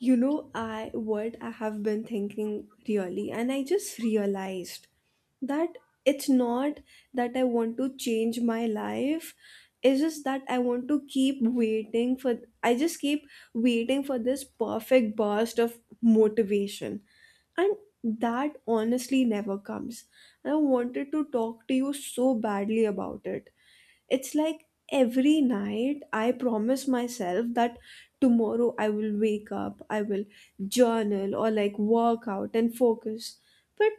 You know, I what I have been thinking really, and I just realized that it's not that I want to change my life. It's just that I want to keep waiting for, I just keep waiting for this perfect burst of motivation. And that honestly never comes. And I wanted to talk to you so badly about it. It's like every night I promise myself that tomorrow I will wake up, I will journal or like work out and focus. But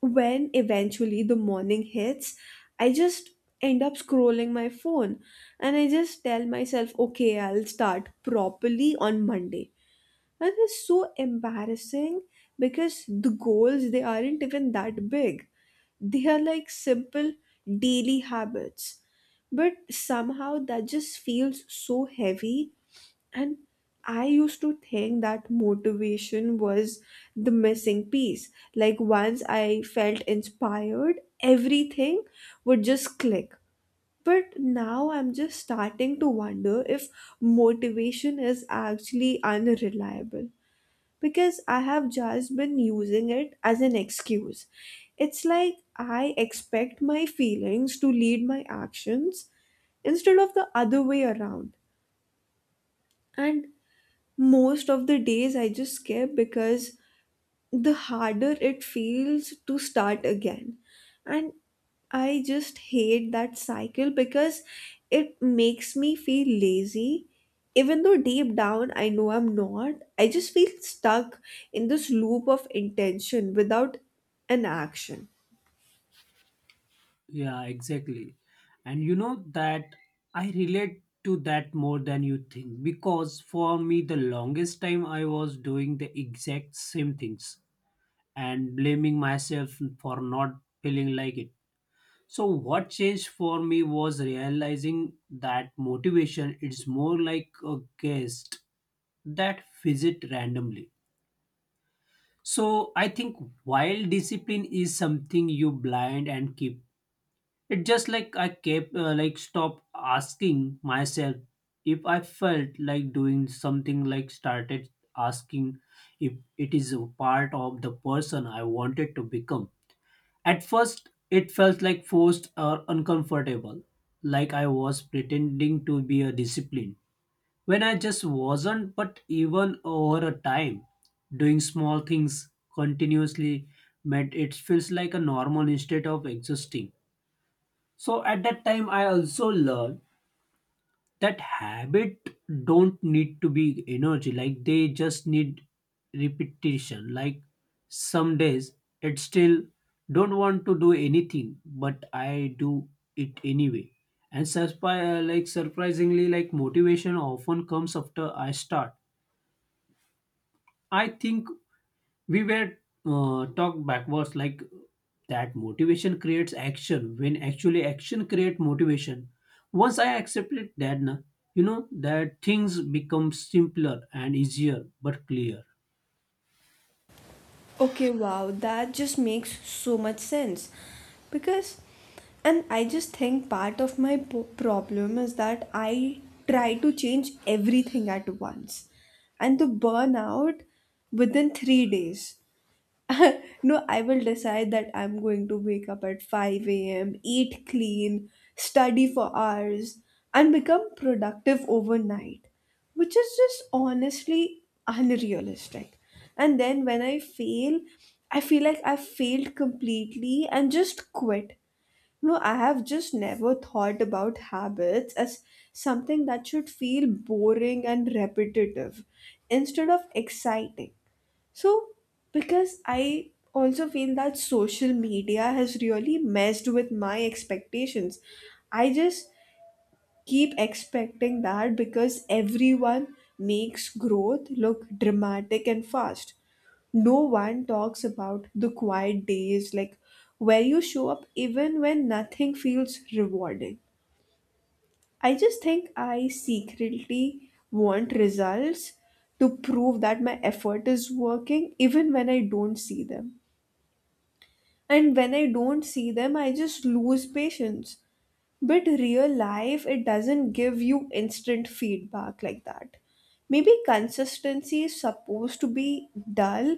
when eventually the morning hits, I just end up scrolling my phone and I just tell myself, okay, I'll start properly on Monday. And it's so embarrassing because the goals, they aren't even that big. They are like simple daily habits but somehow that just feels so heavy. And I used to think that motivation was the missing piece, like once I felt inspired everything would just click. But now I'm just starting to wonder if motivation is actually unreliable, because I have just been using it as an excuse. It's like I expect my feelings to lead my actions, instead of the other way around. And most of the days I just skip because the harder it feels to start again. And I just hate that cycle because it makes me feel lazy. Even though deep down I know I'm not, I just feel stuck in this loop of intention without an action. Yeah, exactly. And you know that I relate to that more than you think because for me, the longest time I was doing the exact same things and blaming myself for not feeling like it. So, what changed for me was realizing that motivation is more like a guest that visit randomly. So I think while discipline is something you blind and keep it just like I kept like stop asking myself if I felt like doing something like started asking if it is a part of the person I wanted to become. At first it felt like forced or uncomfortable, like I was pretending to be a discipline. When I just wasn't, but even over a time, doing small things continuously made it feels like a normal instead of existing. So at that time I also learned that habit don't need to be energy, like they just need repetition. Like some days it still don't want to do anything, but I do it anyway. And like surprisingly, like motivation often comes after I start. I think we were talked backwards, like that motivation creates action when actually action create motivation. Once I accepted that na, you know that things become simpler and easier but clear. Okay, wow, that just makes so much sense. Because, and I just think part of my problem is that I try to change everything at once. And the burnout within 3 days. No, I will decide that I'm going to wake up at 5 a.m., eat clean, study for hours, and become productive overnight, which is just honestly unrealistic. And then when I fail, I feel like I failed completely and just quit. No, I have just never thought about habits as something that should feel boring and repetitive instead of exciting. So, because I also feel that social media has really messed with my expectations. I just keep expecting that, because everyone makes growth look dramatic and fast. No one talks about the quiet days, like where you show up even when nothing feels rewarding. I just think I secretly want results to prove that my effort is working, even when I don't see them. And when I don't see them, I just lose patience. But real life, it doesn't give you instant feedback like that. Maybe consistency is supposed to be dull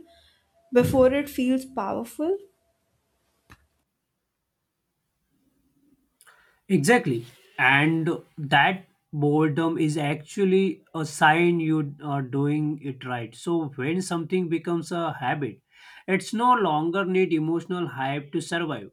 before it feels powerful. Exactly, and that boredom is actually a sign you are doing it right. So when something becomes a habit, it's no longer need emotional hype to survive.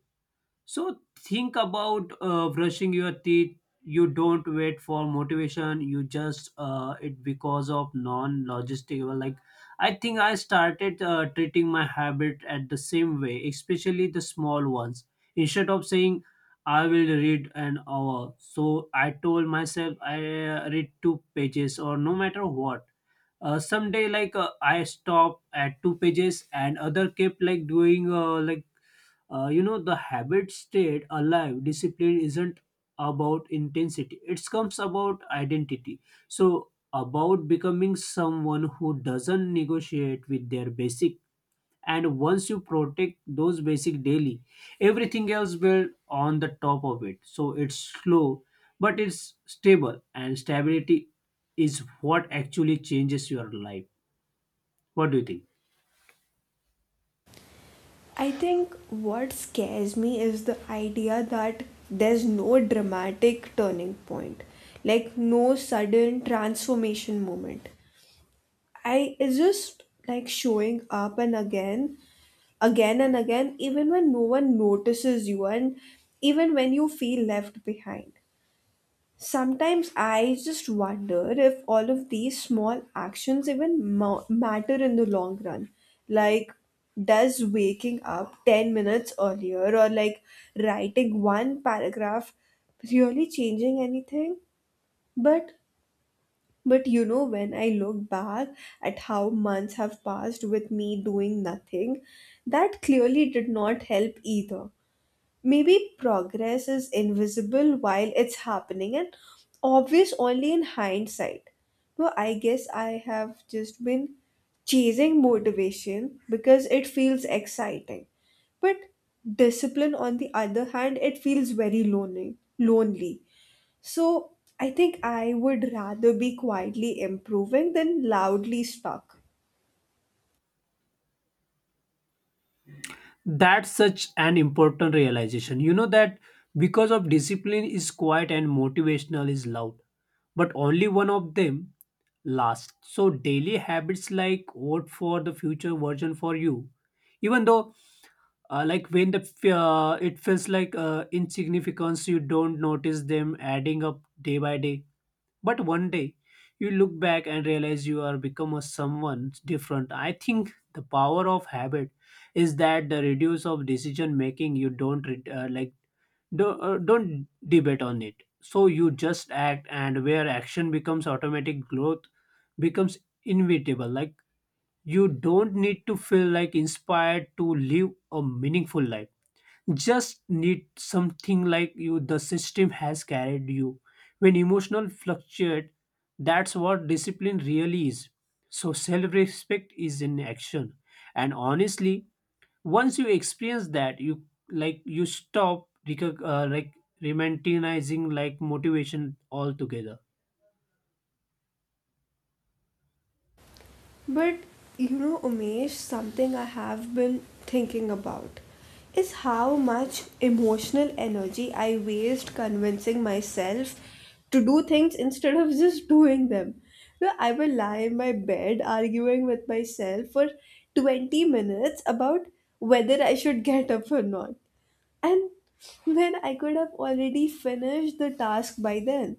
So think about brushing your teeth. You don't wait for motivation. You just it because of non-logistical. Like I think I started treating my habit at the same way, especially the small ones. Instead of saying I will read an hour, so I told myself I read two pages or no matter what. Someday like I stopped at two pages and other kept like doing like you know the habit stayed alive. Discipline isn't about intensity, it comes about identity, so about becoming someone who doesn't negotiate with their basic. And once you protect those basic daily, everything else will on the top of it. So it's slow, but it's stable, and stability is what actually changes your life. What do you think? I think what scares me is the idea that there's no dramatic turning point, like no sudden transformation moment. I It's just like showing up and again, again and again, even when no one notices you and even when you feel left behind. Sometimes I just wonder if all of these small actions even matter in the long run. Like, does waking up 10 minutes earlier or like writing one paragraph really changing anything? But but you know, when I look back at how months have passed with me doing nothing, that clearly did not help either. Maybe progress is invisible while it's happening and obvious only in hindsight. So I guess I have just been chasing motivation because it feels exciting. But discipline, on the other hand, it feels very lonely. Lonely. So I think I would rather be quietly improving than loudly stuck. That's such an important realization. You know that because of discipline is quiet and motivational is loud, but only one of them lasts. So daily habits like vote for the future version for you, even though like when the it feels like insignificance, you don't notice them adding up day by day. But one day you look back and realize you are become a someone different. I think the power of habit is that the reduce of decision making you don't like don't debate on it. So you just act, and where action becomes automatic, growth becomes inevitable. Like you don't need to feel like inspired to live a meaningful life, just need something like you the system has carried you when emotional fluctuate. That's what discipline really is. So self-respect is in action, and honestly, once you experience that you like you stop like romanticizing like motivation altogether. But you know, Umesh, something I have been thinking about is how much emotional energy I waste convincing myself to do things instead of just doing them. You know, I will lie in my bed arguing with myself for 20 minutes about whether I should get up or not. And when I could have already finished the task by then,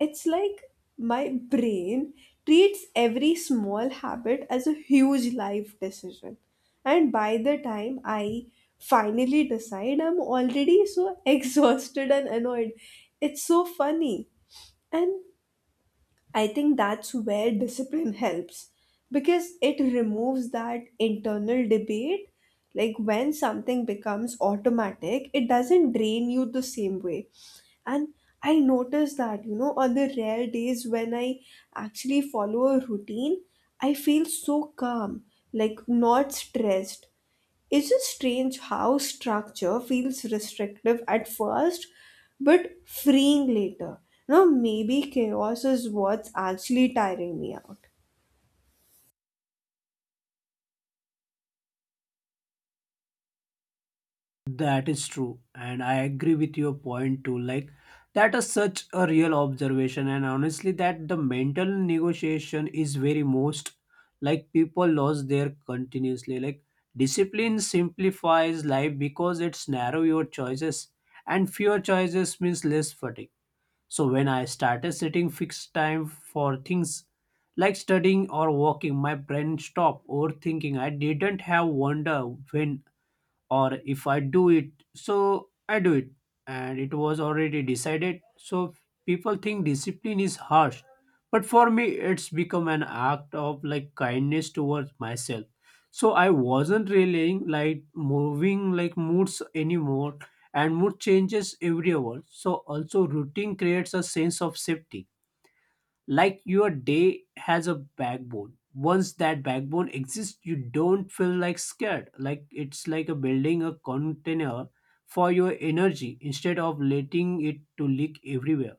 it's like my brain treats every small habit as a huge life decision. And by the time I finally decide, I'm already so exhausted and annoyed. It's so funny. And I think that's where discipline helps because it removes that internal debate. Like when something becomes automatic, it doesn't drain you the same way. And I notice that, you know, on the rare days when I actually follow a routine, I feel so calm, like not stressed. It's just strange how structure feels restrictive at first but freeing later. Now, maybe chaos is what's actually tiring me out. That is true, and I agree with your point too. Like that is such a real observation, and honestly, that the mental negotiation is very most, like people lose their continuously. Like discipline simplifies life because it's narrow your choices, and fewer choices means less fatigue. So when I started setting fixed time for things like studying or walking, my brain stopped overthinking. I didn't have wonder when or if I do it, so I do it. And it was already decided. So people think discipline is harsh. But for me, it's become an act of like kindness towards myself. So I wasn't relying like moving like moods anymore, and mood changes every hour. So also routine creates a sense of safety, like your day has a backbone. Once that backbone exists, you don't feel like scared. Like it's like a building a container for your energy instead of letting it to leak everywhere.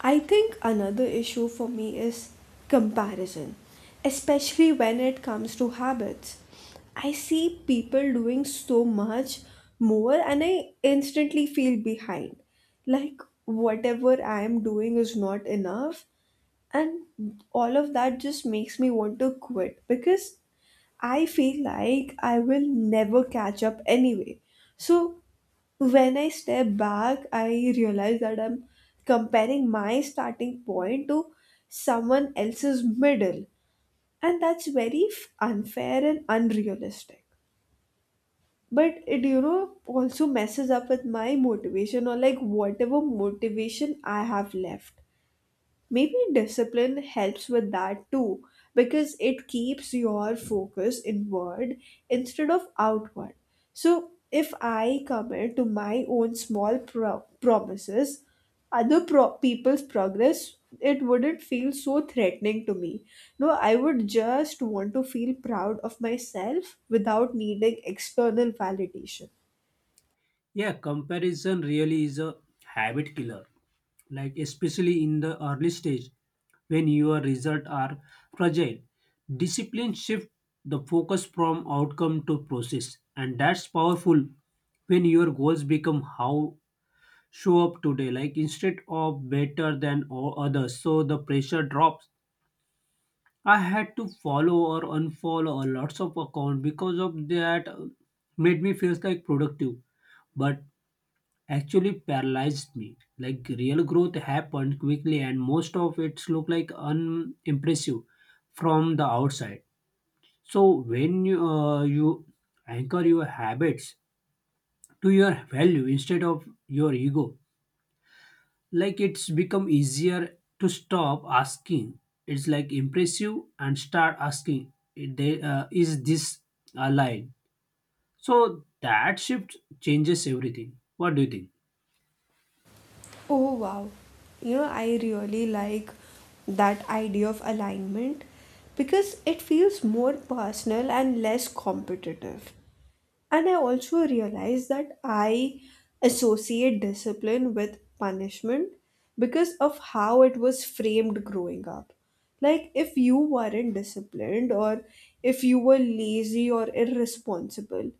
I think another issue for me is comparison, especially when it comes to habits. I see people doing so much more and I instantly feel behind. Like, whatever I am doing is not enough, and all of that just makes me want to quit because I feel like I will never catch up anyway. So when I step back, I realize that I'm comparing my starting point to someone else's middle, and that's very unfair and unrealistic, but it, you know, also messes up with my motivation, or like whatever motivation I have left. Maybe discipline helps with that too, because it keeps your focus inward instead of outward. So, if I commit to my own small promises, other people's progress, it wouldn't feel so threatening to me. No, I would just want to feel proud of myself without needing external validation. Yeah, comparison really is a habit killer, like especially in the early stage when your results are fragile. Discipline shift the focus from outcome to process, and that's powerful. When your goals become how show up today, like instead of better than others, so the pressure drops. I had to follow or unfollow a lots of account because of that. Made me feels like productive, but actually paralyzed me. Like real growth happened quickly, and most of it look like unimpressive from the outside. So when you, you anchor your habits to your value instead of your ego, like it's become easier to stop asking it's like impressive and start asking is this a line. So that shift changes everything. What do you think? Oh wow. You know, I really like that idea of alignment because it feels more personal and less competitive. And I also realize that I associate discipline with punishment because of how it was framed growing up. Like, if you weren't disciplined, or if you were lazy or irresponsible,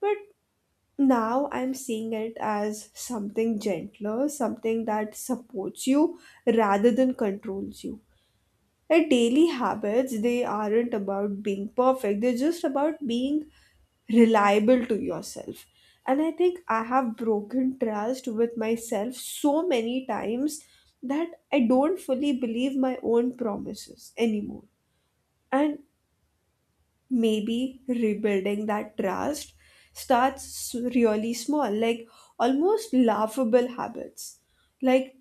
but now I'm seeing it as something gentler, something that supports you rather than controls you. Like daily habits, they aren't about being perfect, they're just about being reliable to yourself. And I think I have broken trust with myself so many times that I don't fully believe my own promises anymore. And maybe rebuilding that trust starts really small, like almost laughable habits. Like,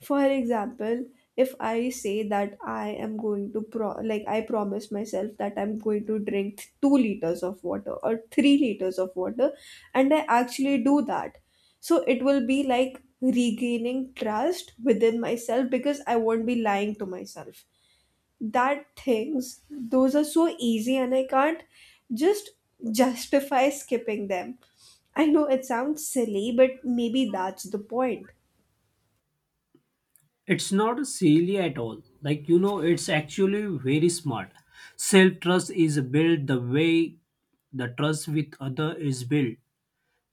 for example, if I say that I am going to like I promise myself that I'm going to drink 2 liters of water or 3 liters of water, and I actually do that, so it will be like regaining trust within myself because I won't be lying to myself that things those are so easy and I can't just justify skipping them. I know it sounds silly but maybe that's the point. It's not silly at all. Like you know, it's actually very smart. Self trust is built the way the trust with other is built,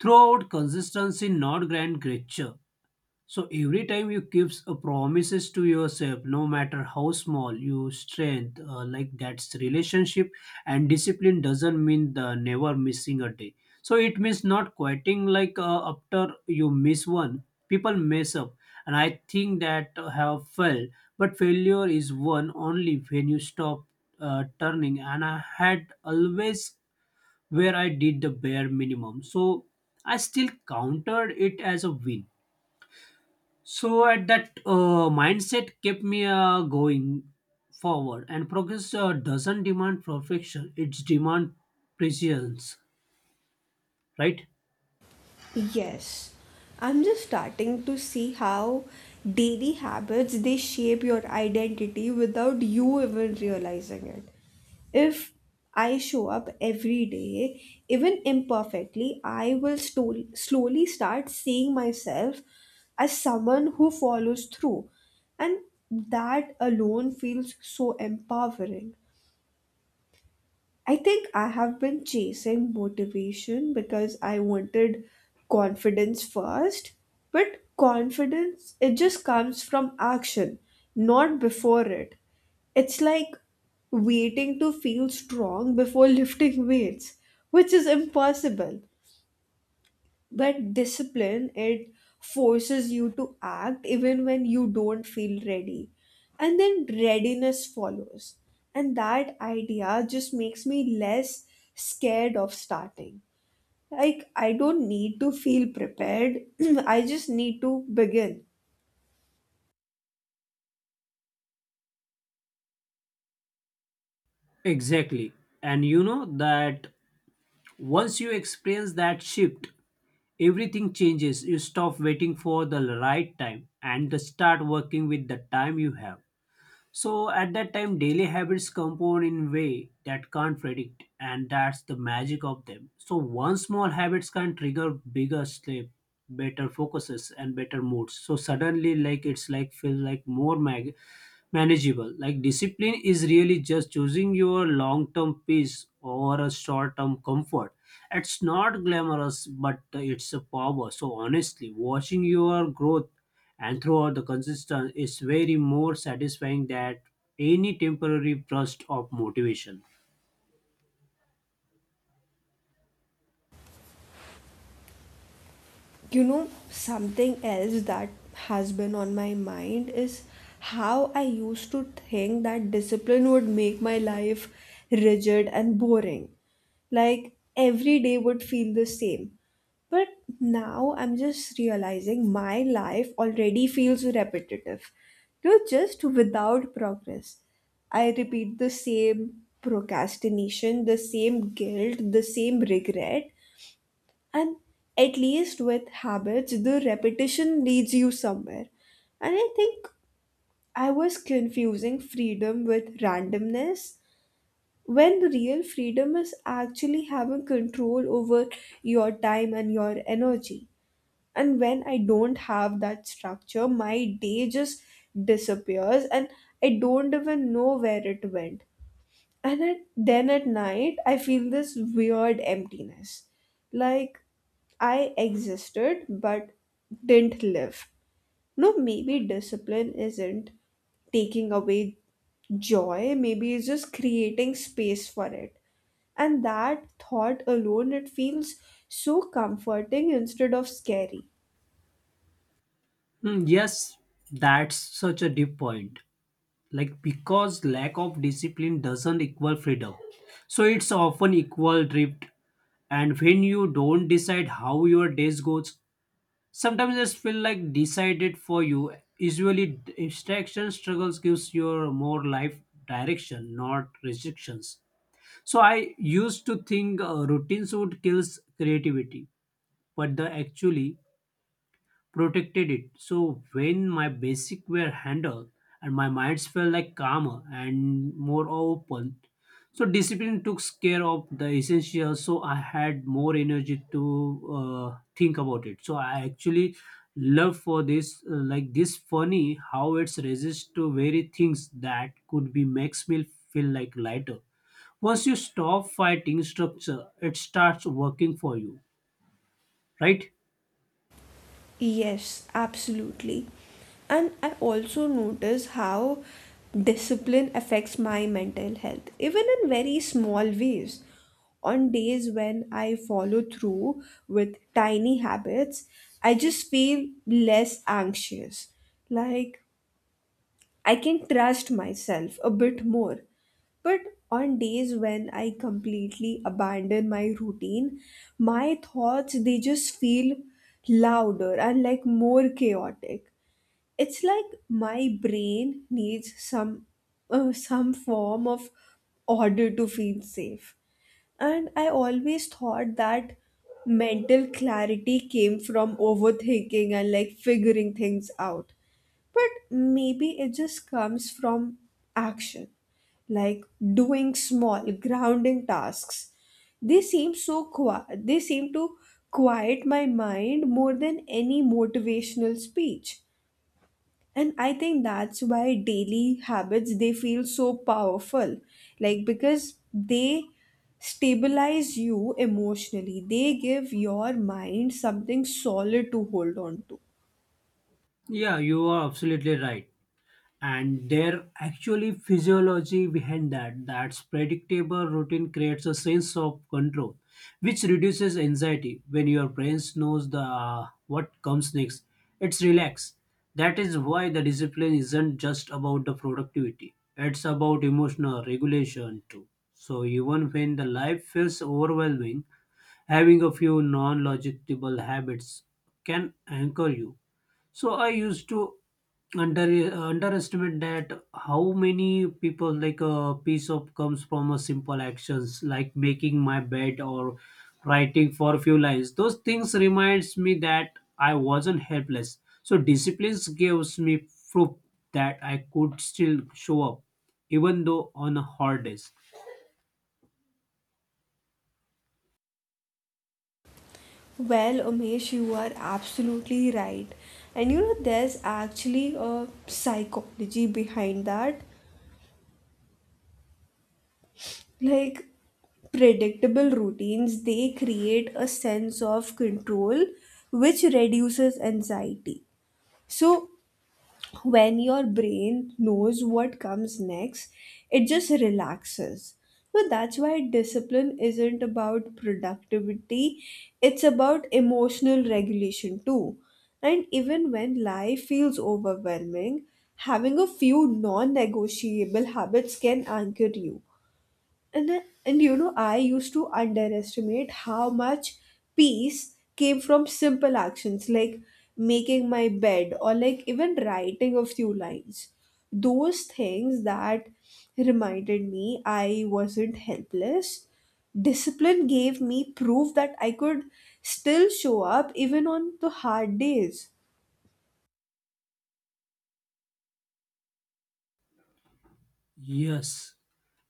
throughout consistency, not grand gesture. So every time you gives a promises to yourself, no matter how small, you strength like that's relationship. And discipline doesn't mean the never missing a day. So it means not quitting like after you miss one, people mess up, and I think that have failed. But failure is one only when you stop turning. And I had always where I did the bare minimum, so I still counted it as a win. So at that mindset kept me going forward, and progress doesn't demand perfection; it's demand precision, right? Yes, I'm just starting to see how daily habits they shape your identity without you even realizing it. If I show up every day, even imperfectly, I will slowly start seeing myself as someone who follows through, and that alone feels so empowering. I think I have been chasing motivation because I wanted confidence first. But confidence, it just comes from action, not before it. It's like waiting to feel strong before lifting weights, which is impossible. But discipline, it forces you to act even when you don't feel ready. And then readiness follows. And that idea just makes me less scared of starting. Like, I don't need to feel prepared, I just need to begin. Exactly, and you know that once you experience that shift, everything changes. You stop waiting for the right time and start working with the time you have. So at that time, daily habits compound in way that can't predict, and that's the magic of them. So one small habits can trigger bigger sleep, better focuses, and better moods. So suddenly, like it's like feel like more manageable. Like discipline is really just choosing your long term peace over a short term comfort. It's not glamorous, but it's a power. So honestly, watching your growth and throughout the consistent is very more satisfying than any temporary burst of motivation. You know, something else that has been on my mind is how I used to think that discipline would make my life rigid and boring. Like every day would feel the same. But now I'm just realizing my life already feels repetitive. You know, just without progress. I repeat the same procrastination, the same guilt, the same regret, and at least with habits, the repetition leads you somewhere. And I think I was confusing freedom with randomness when the real freedom is actually having control over your time and your energy. And when I don't have that structure, my day just disappears and I don't even know where it went. And at, then at night, I feel this weird emptiness. Like I existed but didn't live. No, maybe discipline isn't taking away joy, maybe it's just creating space for it. And that thought alone, it feels so comforting instead of scary. Hmm, yes, that's such a deep point. Like because lack of discipline doesn't equal freedom, so it's often equal drift. And when you don't decide how your days goes, sometimes just feel like decided for you. Usually distraction struggles gives your more life direction, not restrictions. So I used to think routines would kills creativity, but the actually protected it. So when my basic were handled, and my minds felt like calmer and more open. So discipline took care of the essentials. So I had more energy to think about it. So I actually love for this like this funny how it's resist to very things that could be makes me feel like lighter. Once you stop fighting structure, it starts working for you, right? Yes, absolutely. And I also notice how discipline affects my mental health, even in very small ways. On days when I follow through with tiny habits, I just feel less anxious. Like I can trust myself a bit more. But on days when I completely abandon my routine, my thoughts they just feel louder and like more chaotic. It's like my brain needs some form of order to feel safe. And I always thought that mental clarity came from overthinking and like figuring things out, but maybe it just comes from action. Like doing small grounding tasks, they seem so quiet, they seem to quiet my mind more than any motivational speech. And I think that's why daily habits they feel so powerful, like because they stabilize you emotionally, they give your mind something solid to hold on to. Yeah, you are absolutely right. And there actually physiology behind that, that's predictable routine creates a sense of control which reduces anxiety. When your brain knows the what comes next, it's relaxed. That is why the discipline isn't just about the productivity, it's about emotional regulation too. So even when the life feels overwhelming, having a few non-logicable habits can anchor you. So I used to under underestimate that how many people like a piece of comes from a simple actions like making my bed or writing for a few lines. Those things reminds me that I wasn't helpless. So discipline gives me proof that I could still show up even though on hard days. Well, Umesh, you are absolutely right. And you know, there's actually a psychology behind that. Like, Predictable routines, they create a sense of control which reduces anxiety. So, when your brain knows what comes next, it just relaxes. So that's why discipline isn't about productivity, it's about emotional regulation too. And even when life feels overwhelming, having a few non negotiable habits can anchor you. And, I- and you know, I used to underestimate how much peace came from simple actions like making my bed or like even writing a few lines. Those things that reminded me I wasn't helpless. Discipline gave me proof that I could still show up even on the hard days. Yes.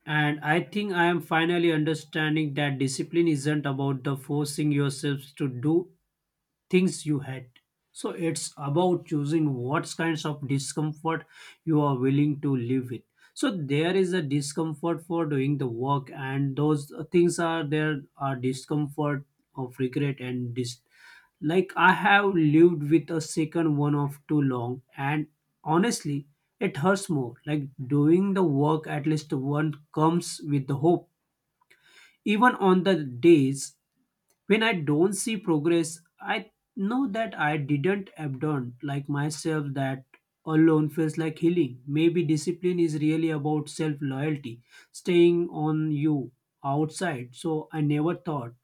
And I think I am finally understanding that discipline isn't about the forcing yourselves to do things you hate. So it's about choosing what kinds of discomfort you are willing to live with. So there is a discomfort for doing the work, and those things are there are discomfort of regret and like I have lived with a second one of too long, and honestly it hurts more. Like doing the work at least one comes with the hope. Even on the days when I don't see progress, I know that I didn't abandon like myself, that alone feels like healing. Maybe discipline is really about self loyalty, staying on you outside. So I never thought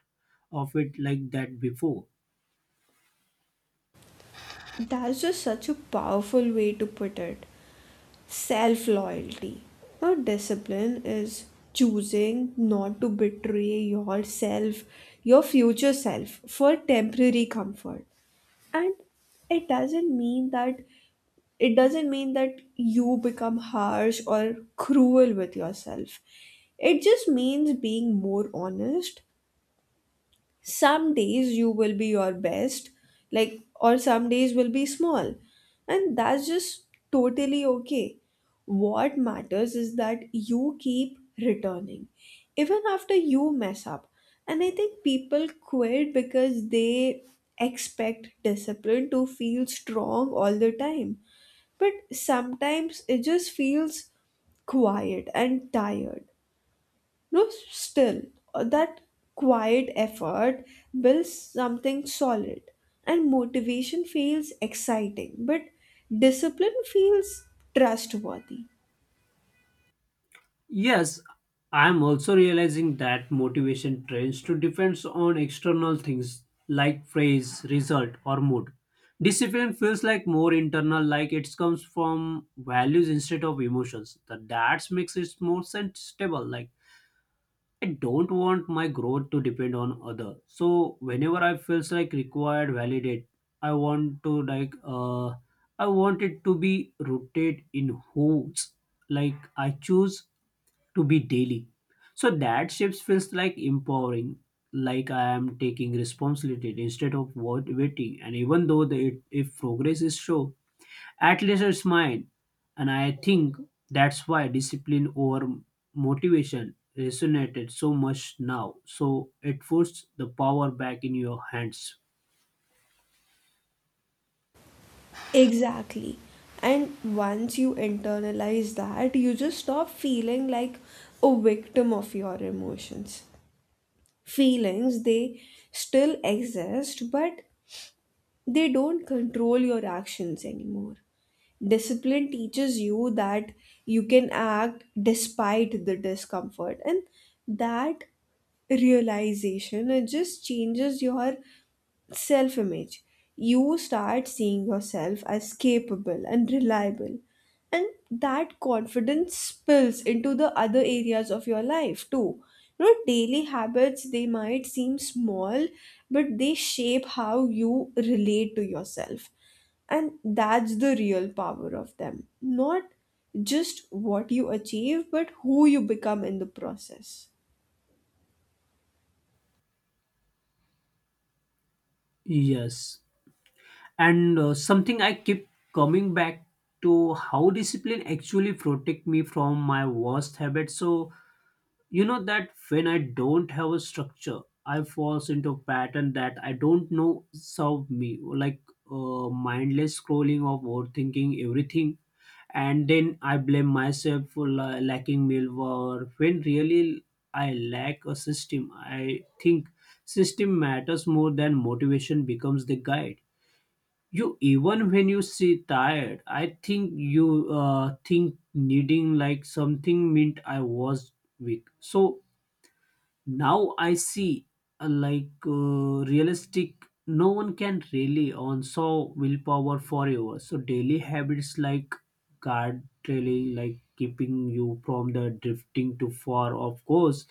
of it like that before. That's just such a powerful way to put it. Self loyalty. Now, discipline is choosing not to betray yourself, your future self, for temporary comfort. And it doesn't mean that it doesn't mean that you become harsh or cruel with yourself. It just means being more honest. Some days you will be your best, like, or some days will be small, and that's just totally okay. What matters is that you keep returning, even after you mess up. And I think people quit because they expect discipline to feel strong all the time, but sometimes it just feels quiet and tired. No, still, that quiet effort builds something solid, and motivation feels exciting, but discipline feels trustworthy. Yes, I'm also realizing that motivation tends to depends on external things like phrase, result, or mood. Discipline feels like more internal, like it comes from values instead of emotions. That that makes it more stable. Like I don't want my growth to depend on other. So whenever I feels like required, validate. I want to like I want it to be rooted in who's like I choose to be daily. So that shifts feels like empowering, like I am taking responsibility instead of what waiting. And even though the it, if progress is slow, at least it's mine. And I think that's why discipline over motivation resonated so much now. So it puts the power back in your hands. Exactly. And once you internalize that, you just stop feeling like a victim of your emotions. Feelings, they still exist, but they don't control your actions anymore. Discipline teaches you that you can act despite the discomfort, and that realization, it just changes your self image. You start seeing yourself as capable and reliable, and that confidence spills into the other areas of your life too. You know, daily habits, they might seem small, but they shape how you relate to yourself, and that's the real power of them. Not just what you achieve, but who you become in the process. Yes. And something I keep coming back to how discipline actually protect me from my worst habits. So you know that when I don't have a structure, I falls into a pattern that I don't know serve me, like mindless scrolling of overthinking everything, and then I blame myself for lacking meal or when really I lack a system. I think system matters more than motivation becomes the guide. You even when you see tired, I think you think needing like something meant I was weak. So now I see like realistic no one can really on so willpower forever. So daily habits like guard really like keeping you from the drifting too far, of course.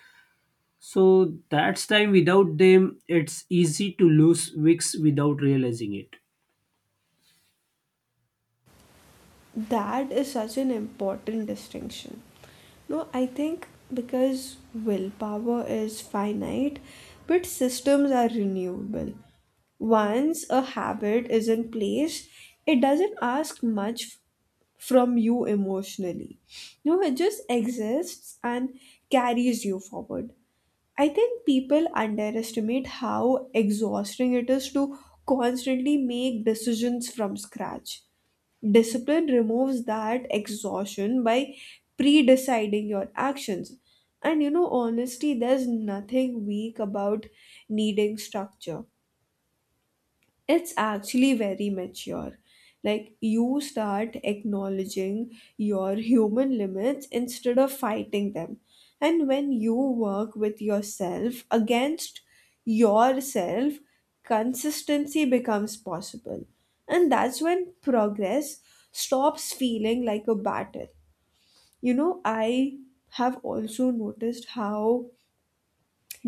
So that's time without them, it's easy to lose weeks without realizing it. That is such an important distinction. No, I think because willpower is finite, but systems are renewable. Once a habit is in place, it doesn't ask much from you emotionally. No, it just exists and carries you forward. I think people underestimate how exhausting it is to constantly make decisions from scratch. Discipline removes that exhaustion by pre deciding your actions. And you know, honestly, there's nothing weak about needing structure. It's actually very mature. Like, you start acknowledging your human limits instead of fighting them, and when you work with yourself against yourself, consistency becomes possible. And that's when progress stops feeling like a battle. You know, I have also noticed how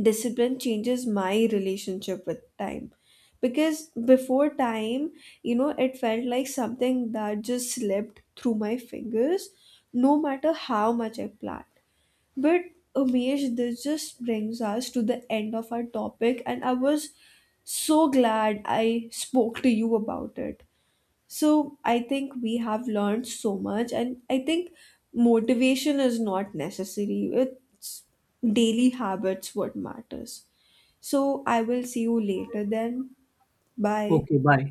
discipline changes my relationship with time. Because before, time, you know, it felt like something that just slipped through my fingers no matter how much I planned. But Umesh, this just brings us to the end of our topic, and I was so glad I spoke to you about it. So I think we have learned so much, and I think motivation is not necessary, it's daily habits what matters. So I will see you later then. Bye. Okay, bye.